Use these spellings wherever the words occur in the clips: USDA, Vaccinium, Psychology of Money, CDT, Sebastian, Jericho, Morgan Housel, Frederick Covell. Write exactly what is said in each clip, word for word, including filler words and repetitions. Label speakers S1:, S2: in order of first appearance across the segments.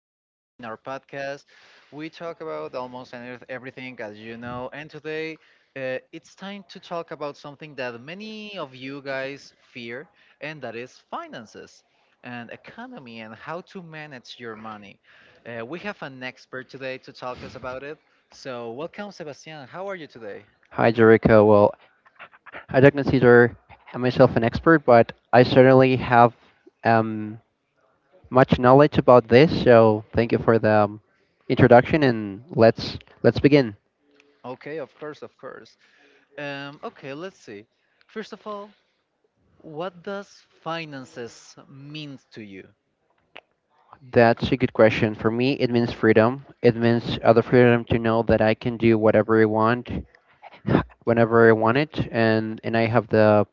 S1: And in our podcast, we talk about almost anyth- everything, as you know. And today, uh, it's time to talk about something that many of you guys fear, and that is finances and economy and how to manage your money. Uh, we have an expert today to talk us about it. So, welcome, Sebastian. How are you today?
S2: Hi, Jericho. Well, I don't consider myself an expert, but I certainly have um, much knowledge about this. So thank you for the um, introduction, and let's let's begin.
S1: Okay, of course, of course. Um, okay, let's see. First of all, what does finances mean to you?
S2: That's a good question. For me, it means freedom. It means uh, the freedom to know that I can do whatever I want, whenever I want it, and and I have the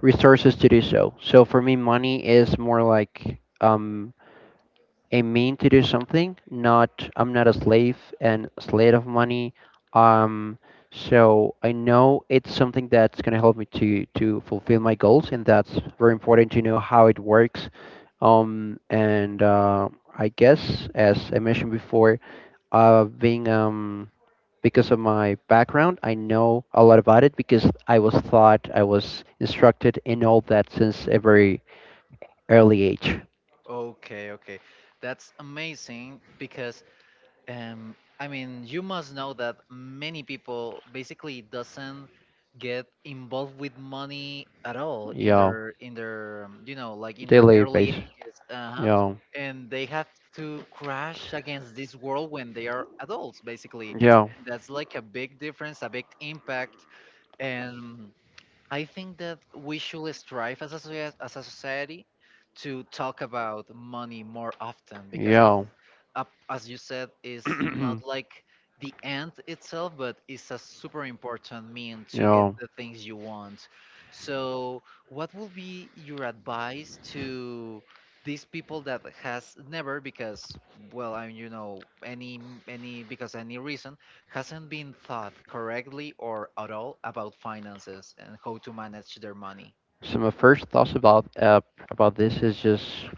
S2: resources to do so. So for me, money is more like um, I mean to do something. Not I'm not a slave and slave of money. Um, so I know it's something that's gonna help me to to fulfill my goals, and that's very important to know how it works. Um, and uh, I guess as I mentioned before, uh, being um because of my background, I know a lot about it because I was taught, I was instructed in all that since a very early age.
S1: Okay, okay. That's amazing because um I mean, you must know that many people basically doesn't get involved with money at all in
S2: Yeah,
S1: their in their um, you know, like in their
S2: daily
S1: early
S2: base.
S1: ages. Uh-huh.
S2: Yeah,
S1: And they have to crash against this world when they are adults basically.
S2: yeah, yeah,
S1: That's like a big difference, a big impact, and I think that we should strive as a, socie- as a society to talk about money more often because, up as you said, is not like the end itself, but it's a super important mean to get
S2: yeah.
S1: the things you want. So what will be your advice to these people that has never, because, well, I mean, you know, any any because any reason hasn't been thought correctly or at all about finances and how to manage their money?
S2: So my first thoughts about uh, about this is just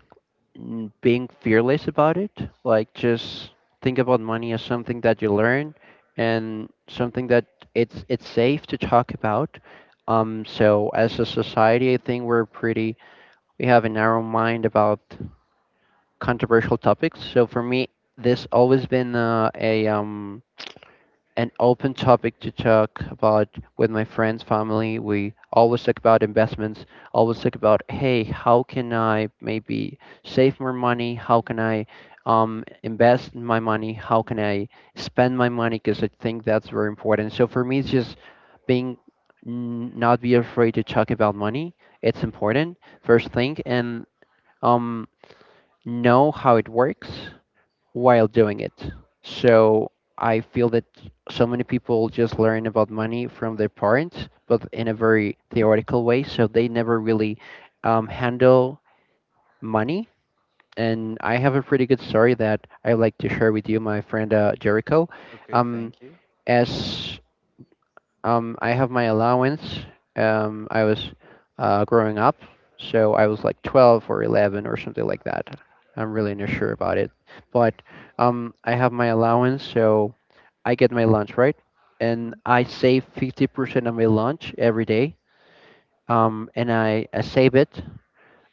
S2: mm, being fearless about it. Like just think about money as something that you learn and something that it's it's safe to talk about. Um, so as a society, I think we're pretty we have a narrow mind about controversial topics. So for me, this always been uh, a um an open topic to talk about with my friends, family. We always talk about investments, always talk about, hey, how can I maybe save more money? How can I um, invest my money? How can I spend my money? Because I think that's very important. So for me, it's just being n- not be afraid to talk about money. It's important, first thing, and um, know how it works while doing it. So I feel that so many people just learn about money from their parents, but in a very theoretical way. So they never really um, handle money. And I
S1: Mhm.
S2: have a pretty good story that I like to share with you, my friend uh, Jericho.
S1: Okay,
S2: Um,
S1: thank you.
S2: as um, I have my allowance. Um, I was uh, growing up, so I was like twelve or eleven or something like that. I'm really not sure about it, but um, I have my allowance, so I get my lunch right,
S1: Mhm,
S2: and
S1: mhm.
S2: I save fifty percent of my lunch every day. Um, and I, I save it,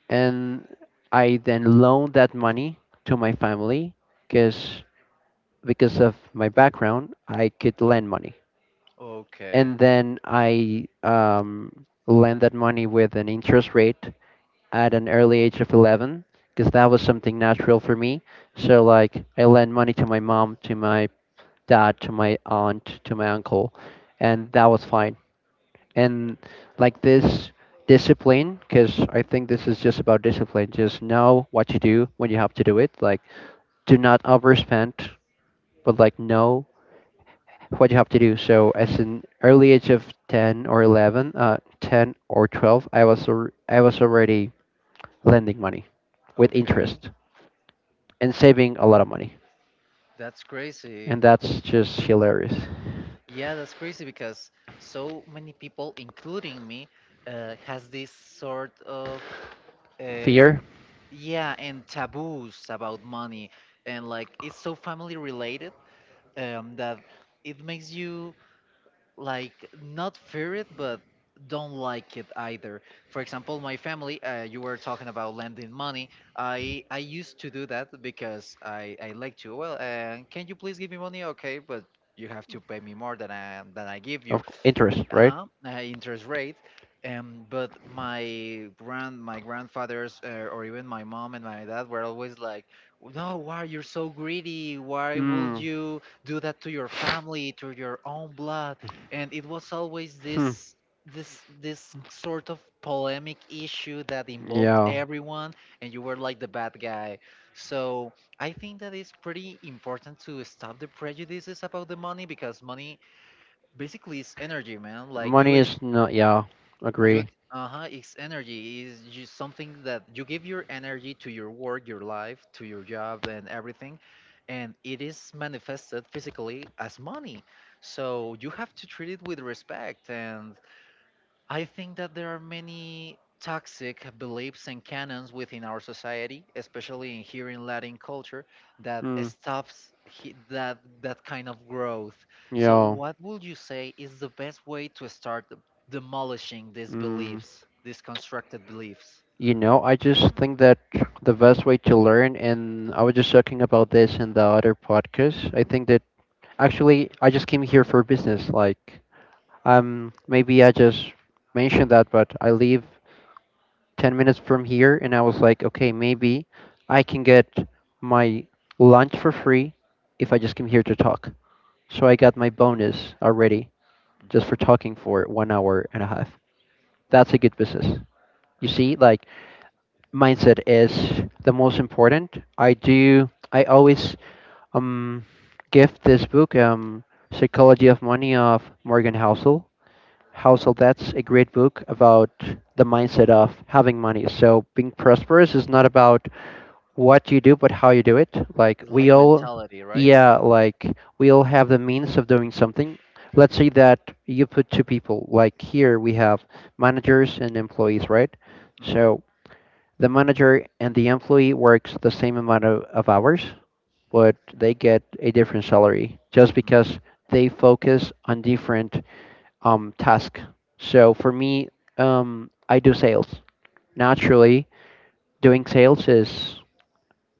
S2: and I then loan that money to my family because because of my background, I could lend money
S1: Okay,
S2: and then I um, lend that money with an interest rate at an early age of eleven because that was something natural for me. So like I lend money to my mom, to my dad, to my aunt, to my uncle, and that was fine. And like this discipline, because I think this is just about discipline. Just know what to do when you have to do it. Like do not overspend, but like know what you have to do. So, as an early age of ten or eleven, uh, ten or twelve, I was al- I was already lending money with
S1: okay.
S2: interest and saving a lot of money,
S1: That's
S2: and
S1: crazy.
S2: that's just hilarious.
S1: Yeah, that's crazy because so many people, including me, uh, has this sort of uh,
S2: Fear
S1: yeah, and taboos about money, and like it's so family related, um, that it makes you like not fear it but don't like it either. For example, my family, uh, you were talking about lending money. I i used to do that because i i like to, well, uh, can you please give me money? Okay, but you have to pay me more than i than i give you.
S2: of c- interest, right?
S1: Uh-huh, uh, interest rate. Um, but my grand, my grandfathers, uh, or even my mom and my dad were always like, "No, why you're so greedy? Why would
S2: Mm.
S1: you do that to your family, to your own blood?" And it was always
S2: Hmm.
S1: this, this, this sort of polemic issue that involved
S2: Yeah.
S1: everyone, and you were like the bad guy. So I think that it's pretty important to stop the prejudices about the money, because money basically it's energy, man, like you
S2: Money
S1: ex
S2: is not. Yeah,
S1: you
S2: agree.
S1: ex uh-huh, it's energy, is just something that you give your energy to, your work, your life, to your job, and everything, and it is manifested physically as money. So you have to treat it with respect. And I think that there are many toxic beliefs and canons within our society, especially in here in Latin culture, that stops he- that that kind of growth. So, what would you say is the best way to start demolishing these beliefs, these constructed beliefs?
S2: You know, I just think that the best way to learn, and I was just talking about this in the other podcast. I think that actually I just came here for business. Like, um, maybe I just mentioned that, but I live ten minutes from here, and I was like, okay, maybe I can get my lunch for free if I just came here to talk. So I got my bonus already, just for talking for one hour and a half. That's a good business. You see, like mindset is the most important. I do. I always um give this book um Psychology of Money of Morgan Housel. Housel, that's a great book about the mindset of having money. So being prosperous is not about what you do, but how you do it. Like
S1: It's
S2: we
S1: like
S2: all,
S1: mentality, right?
S2: yeah, like we all have the means of doing something. Let's say that you put two people. Like here we have managers and employees, right?
S1: Mm-hmm.
S2: So the manager and the employee works the same amount of, of hours, but they get a different salary just
S1: Mm-hmm.
S2: because they focus on different um tasks. So for me, um, I do sales. Naturally, doing sales is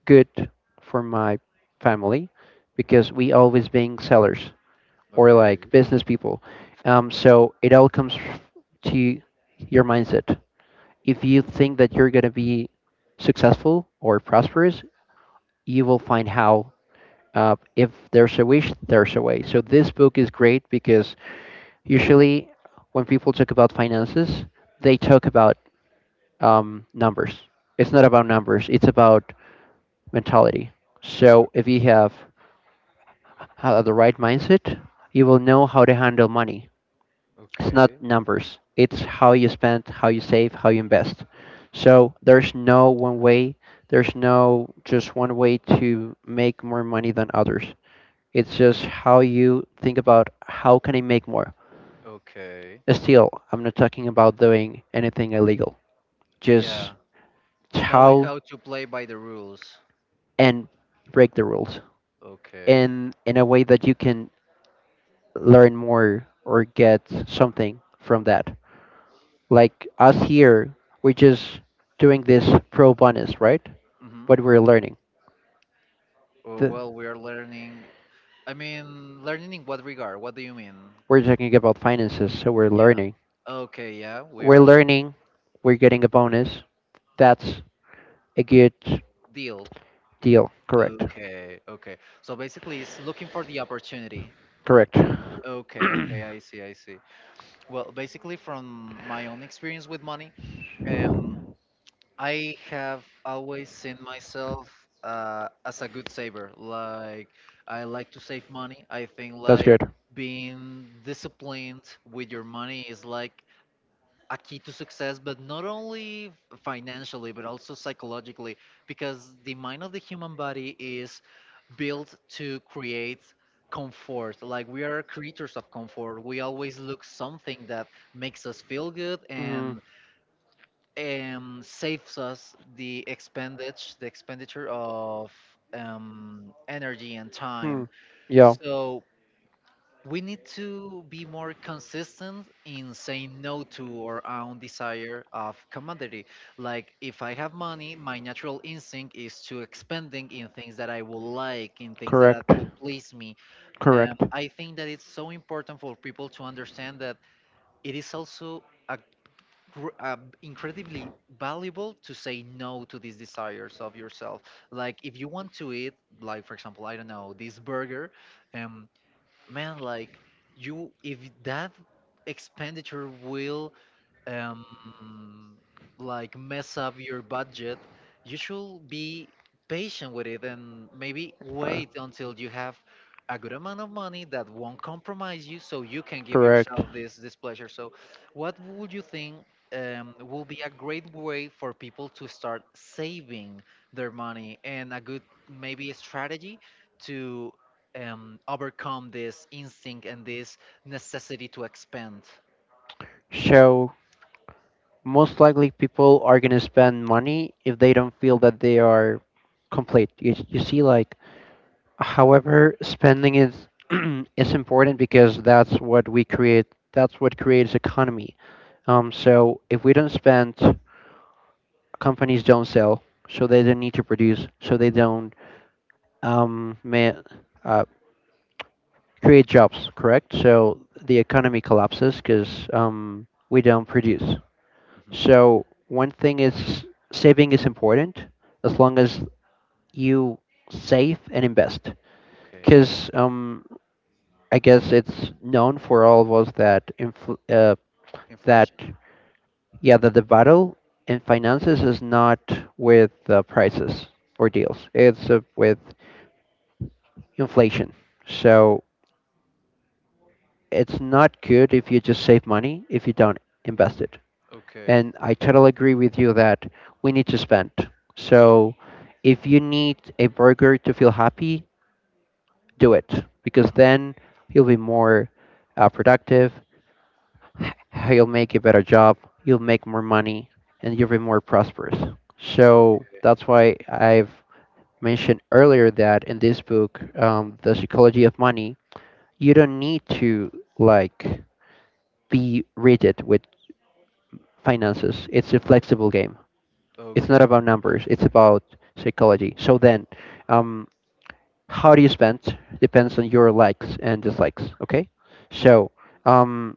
S2: good for my family because we always being sellers or like
S1: Okay,
S2: business people. Um, so it all comes f- to your mindset. If you think that you're gonna be successful or prosperous, you will find how. Uh, if there's a wish, there's a way. So this book is great because usually when people talk about finances, they talk about um, numbers. It's not about numbers. It's about mentality. So if you have have the right mindset, you will know how to handle money. It's
S1: okay,
S2: not numbers. It's how you spend, how you save, how you invest. So there's no one way. There's no just one way to make more money than others. It's just how you think about how can I make more.
S1: okay.
S2: Uh, Still, I'm not talking about doing anything illegal. Just
S1: Yeah, knowing
S2: how
S1: how to play by the rules.
S2: and break the rules
S1: Okay.
S2: in in a way that you can learn more or get something from that. Like us here, we're just doing this pro bonus, right?
S1: Mm-hmm.
S2: What we're learning.
S1: Oh,
S2: The,
S1: well, we are learning. I mean, learning in what regard? What do you mean?
S2: we're talking about finances, so we're
S1: Yeah.
S2: learning.
S1: Okay, yeah, we
S2: We're
S1: are.
S2: learning, we're getting a bonus. That's a good
S1: Deal.
S2: deal. Correct.
S1: Okay, okay. So basically, it's looking for the opportunity.
S2: Correct.
S1: Okay, okay, I see, I see. Well, basically, from my own experience with money, um, I have always seen myself uh, as a good saver. Like, I like to save money. I think,
S2: That's
S1: like,
S2: good.
S1: being disciplined with your money is like a key to success, but not only f- financially, but also psychologically, because the mind of the human body is built to create comfort. Like we are creatures of comfort. We always look something that makes us feel good
S2: Mm.
S1: and, um, saves us the expendage, the expenditure of um, energy and
S2: Hmm.
S1: time.
S2: Yeah.
S1: So we need to be more consistent in saying no to our own desire of commodity. Like if I have money, my natural instinct is to expending in things that I will like, in things that I
S2: Correct.
S1: will please me. um,
S2: Correct.
S1: I think that it's so important for people to understand that it is also a, gr- uh, incredibly valuable to say no to these desires of yourself. Like if you want to eat, like for example, I don't know, this burger, um, man, like, you, if that expenditure will, um, like mess up your budget, you should be patient with it and maybe
S2: Uh,
S1: wait until you have a good amount of money that won't compromise you, so you can give
S2: correct.
S1: yourself this this pleasure. So what would you think, um, will be a great way for people to start saving their money, and a good, maybe a strategy to, um, overcome this instinct and this necessity to expend?
S2: So most likely people are gonna spend money if they don't feel that they are complete. You, you see, like, however, spending is is important because that's what we create. That's what creates economy. Um, so if we don't spend companies don't sell, so they don't need to produce, so they don't um, ma uh, create jobs, correct? So the economy collapses because um, we don't produce.
S1: Mhm.
S2: So one thing is saving is important as long as you save and invest, because um, I guess it's known for all of us that infl- uh, that
S1: Inflation?
S2: yeah that the battle in finances is not with uh, prices or deals. It's uh, with inflation. So it's not good if you just save money if you don't invest it.
S1: Okay.
S2: And I totally agree with you that we need to spend. So if you need a burger to feel happy, do it because then you'll be more uh, productive, you'll make a better job, you'll make more money, and you'll be more prosperous. So
S1: Okay.
S2: that's why I've mentioned earlier that in this book, um, The Psychology of Money, you don't need to like be rigid with finances. It's a
S1: Okay.
S2: flexible game.
S1: Oh.
S2: It's not about numbers. It's about psychology. So then, um, how do you spend depends on your likes and dislikes. Okay,
S1: Mhm.
S2: so um,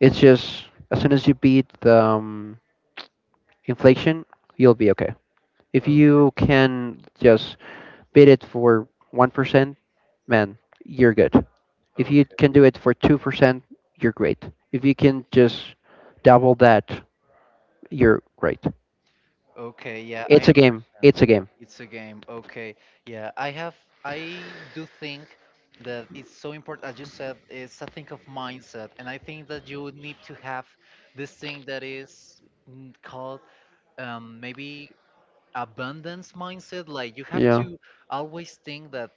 S2: it's just as soon as you beat the um, inflation, you'll be okay. If you can just beat it for one percent, man, you're good. If you can do it for two percent, you're great. If you can just double that, you're great.
S1: Okay, yeah, I
S2: It's a game. It's
S1: understand.
S2: a game.
S1: It's a game. Okay, yeah, I have, I do think that it's so important, as you said, it's a thing of mindset, and I think that you need to have this thing that is, mm, called, um, maybe abundance mindset. Like you have
S2: Yeah.
S1: to always think that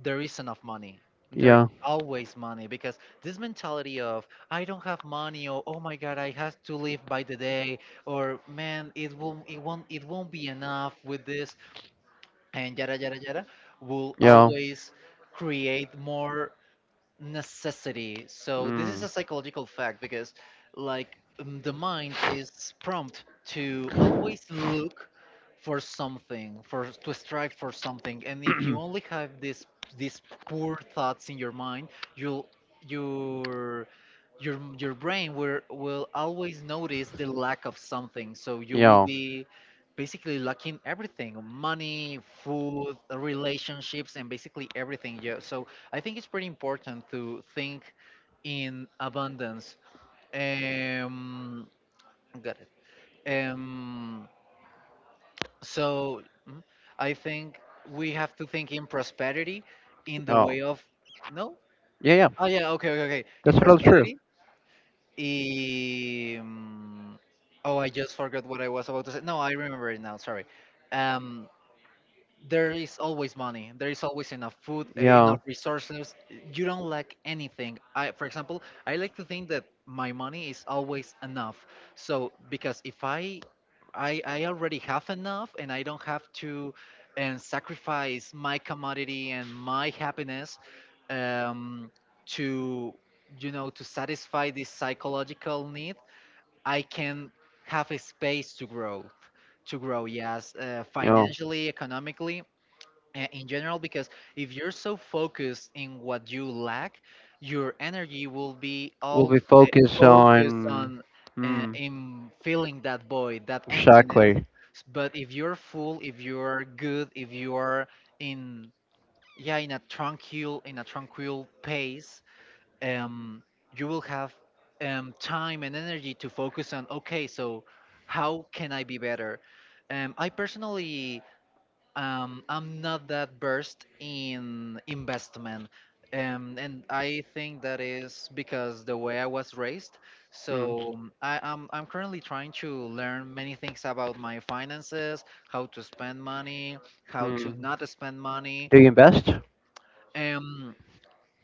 S1: there is enough money. There
S2: Yeah.
S1: always money, because this mentality of I don't have money, or oh my god I have to live by the day, or man it will, it won't it won't be enough with this, and yada yada yada, will
S2: Yeah.
S1: always create more necessity. So this is
S2: Mm.
S1: a psychological fact because, like, um, the mind is prompt to always look for something, for to strive for something. And if you only have this these poor thoughts in your mind, you'll your your your brain will will always notice the lack of something. So you will
S2: Yeah.
S1: be basically lacking everything, money, food, relationships, and basically everything, yeah. So I think it's pretty important to think in abundance. Um, got it. Um, so mm, I think we have to think in prosperity
S2: Yeah.
S1: in the
S2: Yeah.
S1: way of no.
S2: Yeah.
S1: Oh yeah, okay, okay, okay. In
S2: That's all true.
S1: prosperity. Um, oh, I just forgot what I was about to say. No, I remember it now. Sorry. Um, there is always money, there is always enough food, uh,
S2: Yeah.
S1: enough resources, you don't lack anything. I, for example, I like to think that my money is always enough. So because if i i, I already have enough, and I don't have to and sacrifice my commodity and my happiness, um, to, you know, to satisfy this psychological need, I can have a space to grow, to grow yes, uh,
S2: Yeah.
S1: financially, economically, uh, in general. Because if you're so focused in what you lack, your energy will be
S2: We'll
S1: all,
S2: be
S1: uh,
S2: focused
S1: focused
S2: on.
S1: on uh,
S2: Hmm.
S1: in filling that void, that emptiness.
S2: Exactly.
S1: S- but if you're full, if you're good, if you're in, yeah, in a tranquil, in a tranquil pace, um you will have um time and energy to focus on, okay, so how can I be better? um I personally, um, I'm not that versed in investment. Um, and I think that is because the way I was raised.
S2: Mm.
S1: So um, I, I'm, I'm currently trying to learn many things about my finances, how to spend money, how to
S2: Mm.
S1: not spend money.
S2: Do you invest?
S1: Um,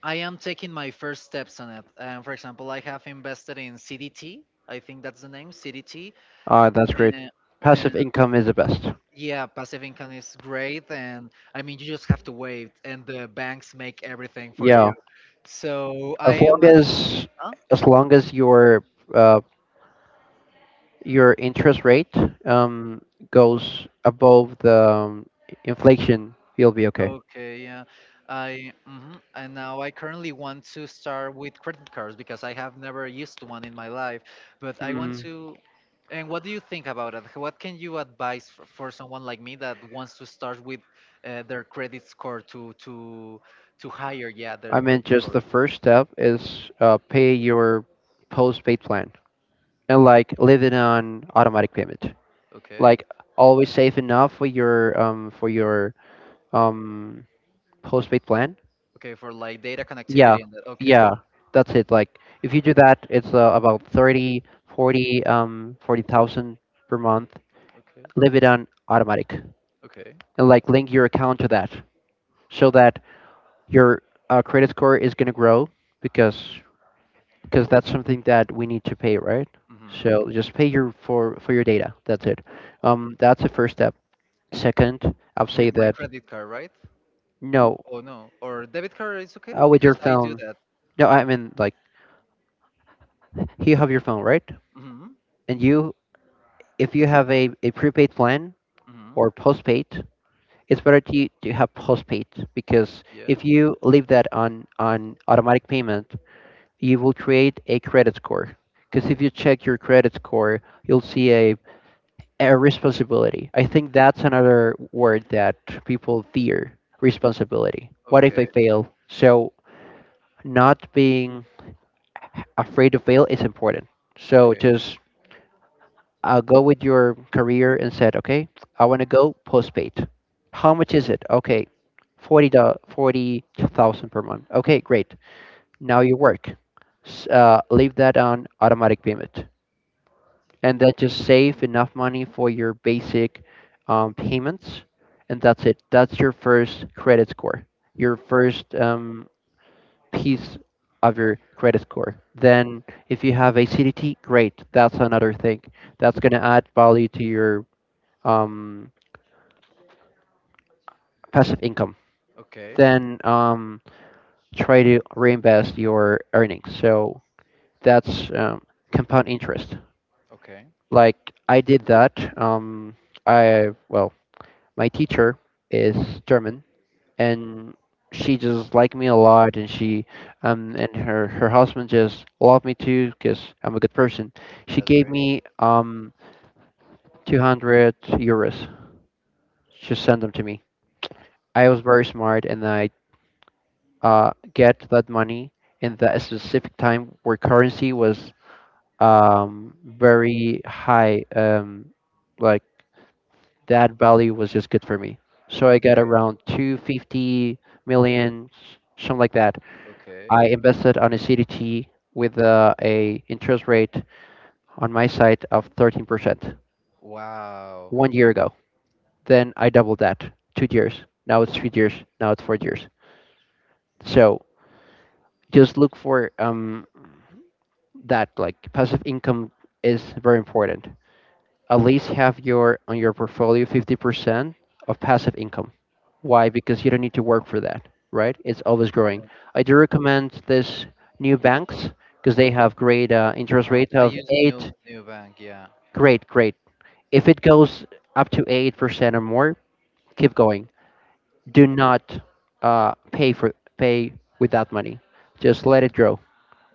S1: I am taking my first steps on it. Um, for example, I have invested in C D T. I think that's the name, C D T.
S2: Ah, that's great. Passive income is the best.
S1: Yeah, passive income is great, and I mean, you just have to wait, and the banks make everything for
S2: Yeah,
S1: you. So I
S2: as long
S1: am, a-
S2: as
S1: huh?
S2: as long as your uh, your interest rate um, goes above the um, inflation, you'll be okay.
S1: Okay, yeah. I, hmm, and now I currently want to start with credit cards because I have never used one in my life, but I want
S2: Hmm.
S1: to. And what do you think about it? What can you advise for, for someone like me that wants to start with, uh, their credit score, to to to higher, yeah,
S2: I
S1: their
S2: mean,
S1: credit
S2: just
S1: score?
S2: the first step is uh, pay your postpaid plan and like leave it on automatic payment.
S1: Okay.
S2: Like always save enough for your um for your um postpaid plan.
S1: Okay, for like data
S2: Yeah,
S1: connectivity and that. Okay.
S2: yeah, that's it. Like if you do that, it's uh, about thirty, forty, um, forty thousand per month.
S1: Okay.
S2: Leave it on automatic
S1: Okay.
S2: and like link your account to that so that your uh, credit score is going to grow because because that's something that we need to pay, right?
S1: Hmm. With
S2: So just pay your for for your data. That's it. Um, that's the first step. Second, I'll say
S1: absolutely. My
S2: that
S1: credit card, right?
S2: no,
S1: Oh no, or debit card is okay
S2: oh, with your
S1: because I do
S2: phone.
S1: that.
S2: No, I mean like you have your phone, right?
S1: Hmm.
S2: And you, if you have a, a prepaid plan
S1: Hmm.
S2: or postpaid, it's better to, to have postpaid because
S1: Yeah.
S2: if you leave that on, on automatic payment, you will create a credit score. Because if you check your credit score, you'll see a, a responsibility. I think that's another word that people fear responsibility. What if I fail? So, not being afraid to fail is important. So, just uh, go with your career and said, okay, I want to go postpaid. How much is it? Okay, forty forty thousand per month. Okay, great. Now you work. S- Uh, leave that on automatic payment. And that just save enough money for your basic um, payments. And that's it. That's your first credit score, your first um, piece of your credit score. Then, if you have a C D T, great. That's another thing that's going to add value to your um, passive income.
S1: Okay.
S2: Then um, try to reinvest your earnings. So that's um, compound interest.
S1: Okay.
S2: Like I did that. Um, I well, my teacher is German, and she just liked me a lot, and she um, and her her husband just loved me too because I'm a good person. She
S1: That's
S2: gave
S1: great.
S2: me um, two hundred euros. She sent them to me. I was very smart, and I uh, get that money in that specific time where currency was um, very high. Um, like that value was just good for me. So I got
S1: Okay.
S2: around two hundred fifty million, something like that.
S1: Okay.
S2: I invested on a C D T with uh, a interest rate on my side of thirteen percent
S1: Wow.
S2: one year ago. Then I doubled that two years. Now it's three years. Now it's four years. So just look for um, that like passive income is very important. At least have your on your portfolio fifty percent of passive income. Why? Because you don't need to work for that, right? It's always growing.
S1: Yeah.
S2: I do recommend this new banks because they have great uh, interest
S1: Uh,
S2: rate
S1: I
S2: of
S1: use new
S2: eight.
S1: new bank. Yeah.
S2: Great, great. If it goes up to eight percent or more, keep going. Do not uh, pay for pay with that money. Just let it grow.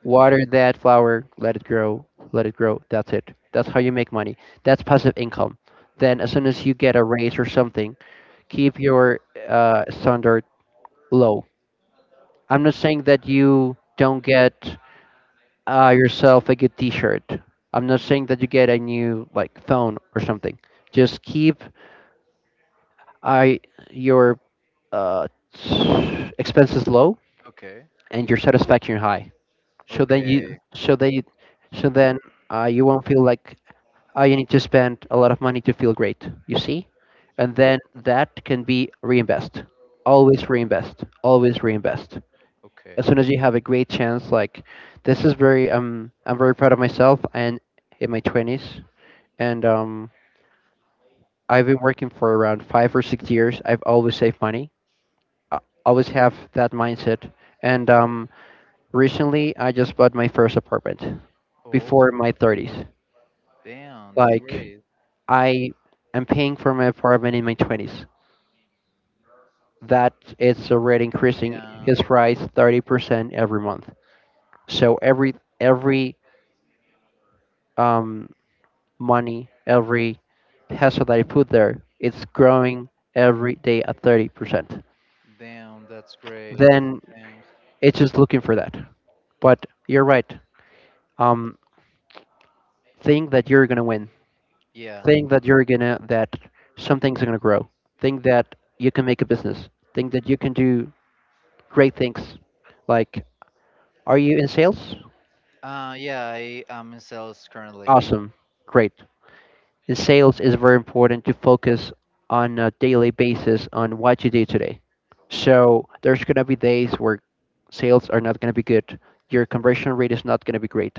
S1: In the
S2: Water
S1: letter.
S2: that flower, let it grow, let it grow. That's it. That's how you make money. That's passive income. Then, as soon as you get a raise or something, keep your uh, standard low. I'm not saying that you don't get uh, yourself a good T-shirt. I'm not saying that you get a new like phone or something. Just keep I your uh, expenses low
S1: Okay.
S2: and your satisfaction high. So then you
S1: Okay.
S2: so then you, so then uh, you won't feel like uh, you need to spend a lot of money to feel great, you see? And then that can be reinvest. Always reinvest. Always reinvest.
S1: Okay.
S2: As soon as you have a great chance, like this is very um I'm very proud of myself and in my twenties and um I've been working for around five or six years. I've always saved money. I always have that mindset. And um recently I just bought my first apartment before
S1: Oh,
S2: my thirties.
S1: damn. That's
S2: Like
S1: great.
S2: I am paying for my apartment in my twenties that it's already increasing
S1: Yeah.
S2: his price thirty percent every month. So every every um, money, every peso that I put there, it's growing every day at thirty percent.
S1: Damn. That's great.
S2: Then
S1: Damn.
S2: it's just looking for that. But you're right. Um, think that you're gonna win.
S1: Yeah.
S2: Think that you're gonna that some things are gonna grow. Think that you can make a business. Think that you can do great things. Like, are you in sales?
S1: Uh, yeah, I am in sales currently.
S2: Awesome, great. In sales it's very important to focus on a daily basis on what you do today. So there's going to be days where sales are not going to be good. Your conversion rate is not going to be great.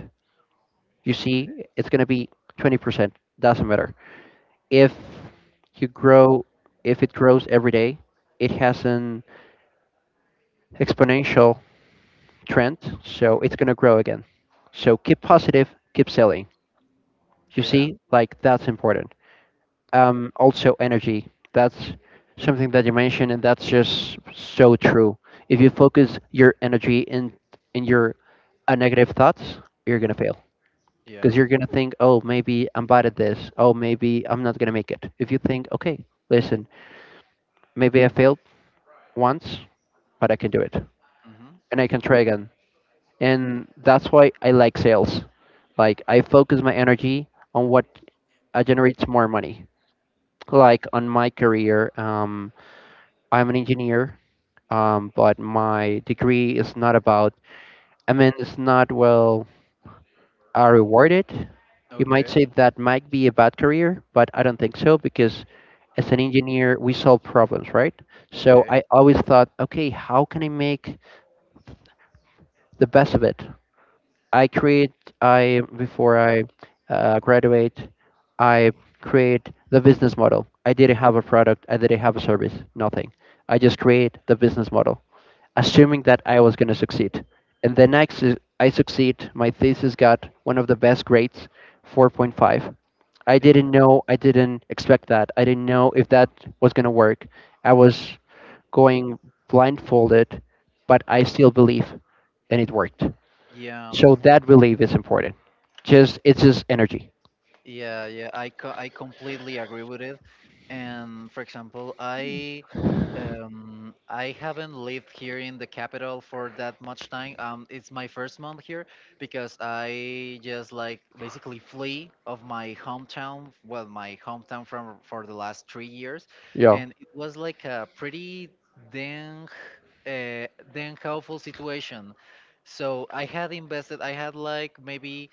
S2: You see, it's going to be twenty percent. Doesn't matter. If you grow, if it grows every day, it has an exponential trend. So
S1: Mhm.
S2: it's going to grow again. So keep positive, keep selling. You
S1: Yeah.
S2: see, like that's important. Um, also energy. That's something that you mentioned, and that's just so true. If you focus your energy in in your uh, negative thoughts, you're gonna
S1: Mhm.
S2: fail because
S1: Yeah.
S2: you're gonna think, oh, maybe I'm bad at this. Oh, maybe I'm not gonna make it. If you think, okay, listen, maybe I failed once, but I can do it,
S1: Hmm.
S2: and I can try again. And that's why I like sales. Like I focus my energy on what uh, generates more money. Like on my career, um, I'm an engineer um, but my degree is not about, I mean, it's not well uh, rewarded. You might
S1: Okay.
S2: say that might be a bad career, but I don't think so because as an engineer, we solve problems, right? So I always thought, okay, how can I make the best of it? I create, I before I uh, graduate, I create the business model. I didn't have a product, I didn't have a service, nothing. I just create the business model, assuming that I was going to succeed. And then I, su- I succeed. My thesis got one of the best grades, four point five. I didn't know, I didn't expect that. I didn't know if that was going to work. I was going blindfolded, but I still believe, and it worked.
S1: Yeah.
S2: So
S1: Yeah.
S2: that belief is important. Just it's just energy.
S1: Yeah, yeah, I co- I completely agree with it. And for example, I, um, I haven't lived here in the capital for that much time. Um, it's my first month here, because I just like basically flee of my hometown, well, my hometown from for the last three years,
S2: Yeah.
S1: and it was like a pretty dang, uh, dang helpful situation. So I had invested. I had like maybe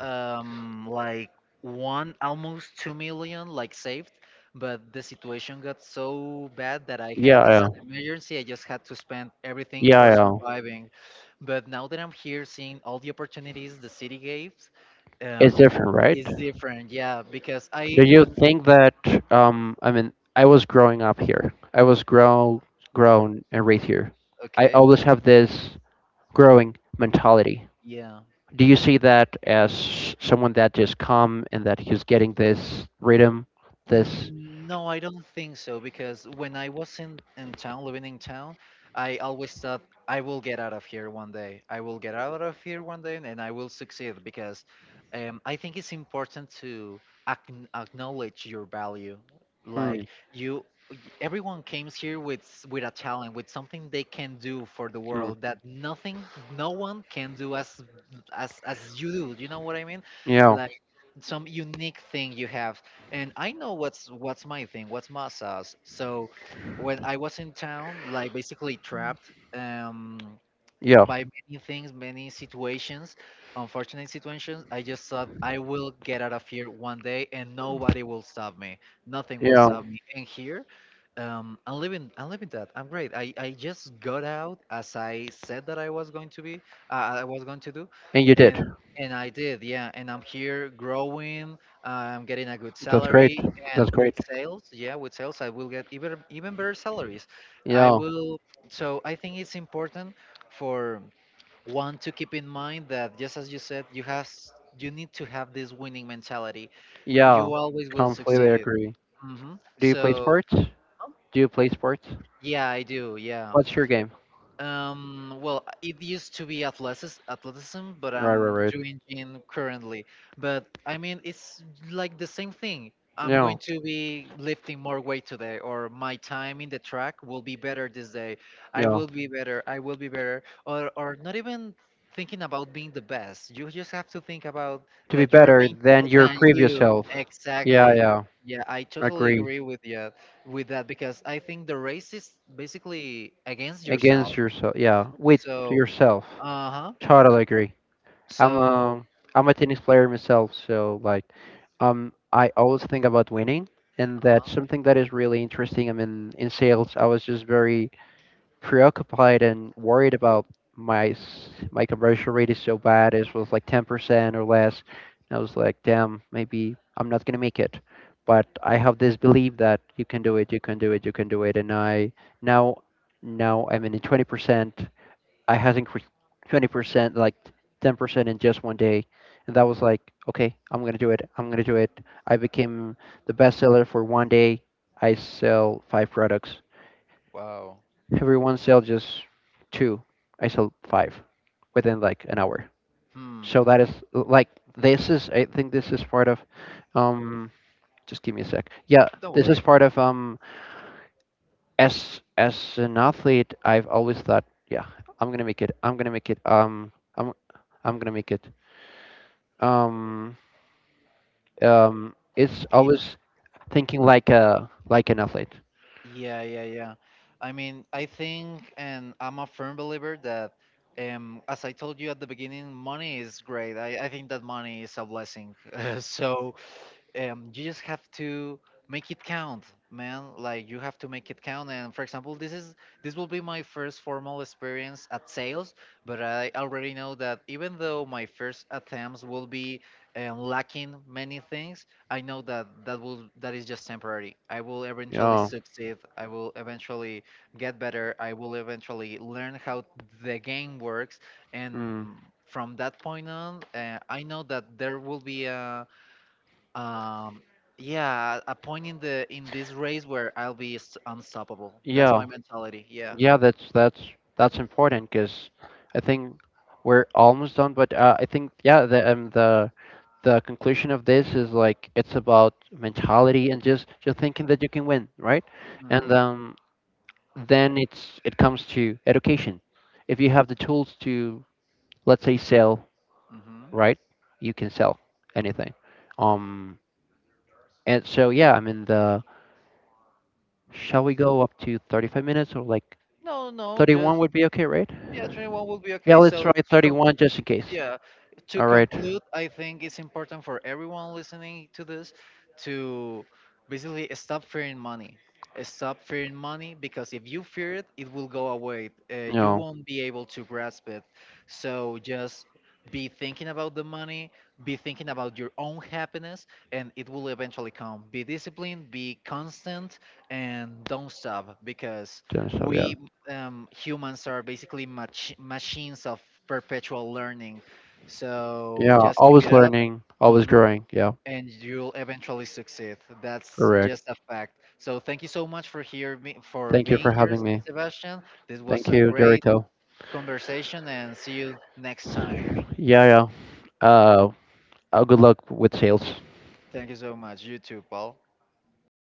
S1: um like one almost two million like saved, but the situation got so bad that, I had
S2: Yeah.
S1: as
S2: Yeah.
S1: an emergency, I just had to spend everything for
S2: Yeah. Yeah.
S1: surviving. But now that I'm here, seeing all the opportunities the city gave,
S2: It's
S1: um
S2: different, right?
S1: is different. Yeah, because I
S2: Do you
S1: when
S2: think that um I mean I was growing up here. I was grown grown and raised here. I
S1: okay.
S2: always have this growing mentality.
S1: Yeah.
S2: Do you see that as someone that just come and that he's getting this rhythm, this
S1: Mm, no, I don't think so, because when I was in, in town, living in town, I always thought I will get out of here one day. I will get out of here one day and I will succeed, because um, I think it's important to acn acknowledge your value.
S2: hmm,
S1: Like you, y- everyone comes here with s- with a talent, with something they can do for the
S2: hmm,
S1: world that nothing, no one can do as as as you do. You know what I mean?
S2: yeah,
S1: Like some unique thing you have. And I know what's what's my thing, what's my sauce. So when I was in town, like basically trapped, um,
S2: yeah,
S1: by many things, many situations, unfortunate situations, I just thought I will get out of here one day, and nobody will stop me. Nothing will
S2: yeah,
S1: stop me. And here. Um, I'm living, I'm living that. I'm great. I, I just got out as I said that I was going to be, uh, I was going to do,
S2: and you did.
S1: and and I did, yeah. And I'm here growing. I'm getting a good
S2: That's great.
S1: salary, and
S2: That's
S1: with
S2: great.
S1: sales, yeah, with sales, I will get even even better salaries. I
S2: Yeah.
S1: will. So I think it's important for one to keep in mind that, just as you said, you has you need to have this winning mentality.
S2: Yeah,
S1: You always will
S2: completely
S1: succeed.
S2: agree.
S1: Hmm.
S2: Do you play
S1: So.
S2: sports? Do you play sports?
S1: Yeah, I do. Yeah.
S2: What's your game?
S1: Um, well, uh, it used to be athletics, athleticism, but
S2: Right, right,
S1: I'm
S2: right.
S1: doing gym currently. But I mean, it's like the same thing. I'm
S2: Yeah,
S1: going to be lifting more weight today, or my time in the track will be better this day. I
S2: yeah.
S1: will be better. I will be better. Or, or not even thinking about being the best. You just have to think about
S2: To be
S1: that you are
S2: better
S1: being
S2: than
S1: better
S2: your
S1: than
S2: previous
S1: you.
S2: self. Yeah,
S1: Exactly.
S2: yeah.
S1: Yeah, I totally
S2: Agree.
S1: agree with you with that, because I think the race is basically against yourself.
S2: Against yourself. Yeah, with
S1: So,
S2: yourself.
S1: uh huh.
S2: Totally agree. I'm
S1: So,
S2: um I'm a tennis player myself, so like, um, I always think about winning, and
S1: uh huh.
S2: that's something that is really interesting. I mean, in sales, I was just very preoccupied and worried about my s- my conversion rate is so bad. It was like ten percent or less. And I was like, damn, maybe I'm not gonna make it. But I have this belief that you can do it, you can do it, you can do it, and I now now I'm in twenty percent. I had increased twenty percent, like ten percent in just one day. And that was like, okay, I'm going to do it. I'm going to do it. I became the best seller for one day. I sell five products.
S1: Wow.
S2: Everyone sells just two. I sell five within like an hour.
S1: Hmm.
S2: So that is like, this is, I think this is part of, um, just give me a sec. Yeah,
S1: Don't
S2: this is
S1: worry.
S2: part of, um, as, as an athlete, I've always thought, yeah, I'm going to make it. I'm going to make it. Um, I'm, I'm gonna make it. um, um, is
S1: Ye-
S2: always thinking like a like an athlete.
S1: Yeah, yeah, yeah. I mean, I think, and I'm a firm believer that, um, as I told you at the beginning, money is great. I, I think that money is a blessing. So um, you just have to make it count, man. Like, you have to make it count. And for example, this, is this will be my first formal experience at sales, but I already know that, even though my first attempts will be, um, lacking many things, I know that that will that is just temporary. I will eventually
S2: Yeah.
S1: succeed, I will eventually get better, I will eventually learn how the game works.
S2: Mm.
S1: And from that point on, uh, I know that there will be a, um, yeah, a point in the in this race where I'll be s- unstoppable. That's
S2: Yeah.
S1: my mentality. Yeah.
S2: Yeah, that's that's that's important because I think we're almost done. But uh, I think yeah, the um, the the conclusion of this is like it's about mentality and just just thinking that you can win, right? And
S1: Hmm.
S2: um, then it's it comes to education. If you have the tools to let's say sell,
S1: Hmm.
S2: right? You can sell anything. Um, and so yeah, I mean the shall we go up to thirty-five minutes or like
S1: No, no,
S2: thirty-one
S1: just
S2: would be okay, right?
S1: yeah, twenty-one will be
S2: Yeah,
S1: okay.
S2: let's try
S1: So you can.
S2: thirty-one just in case.
S1: Yeah, to
S2: All right.
S1: conclude, I think it's important for everyone listening to this to basically stop fearing money. Stop fearing money, because if you fear it, it will go away. uh, you
S2: No,
S1: won't be able to grasp it. So just be thinking about the money, be thinking about your own happiness, and it will eventually come. Be disciplined, be constant, and don't stop, because
S2: do so. Yeah,
S1: we, um, humans are basically mach- machines of perpetual learning. So
S2: yeah.
S1: just keep
S2: Always
S1: it up.
S2: learning, always
S1: Mhm.
S2: growing. Yeah,
S1: And you'll eventually succeed. That's
S2: correct.
S1: just a fact. So thank you so much for here me for
S2: Thank you
S1: being
S2: for
S1: here,
S2: having me.
S1: Sebastian. This was
S2: Thank
S1: a
S2: you,
S1: great
S2: Jericho.
S1: conversation, and see you next time.
S2: Yeah, yeah. Uh, uh, good luck with sales.
S1: Thank you so much. You too, Paul.
S2: Thank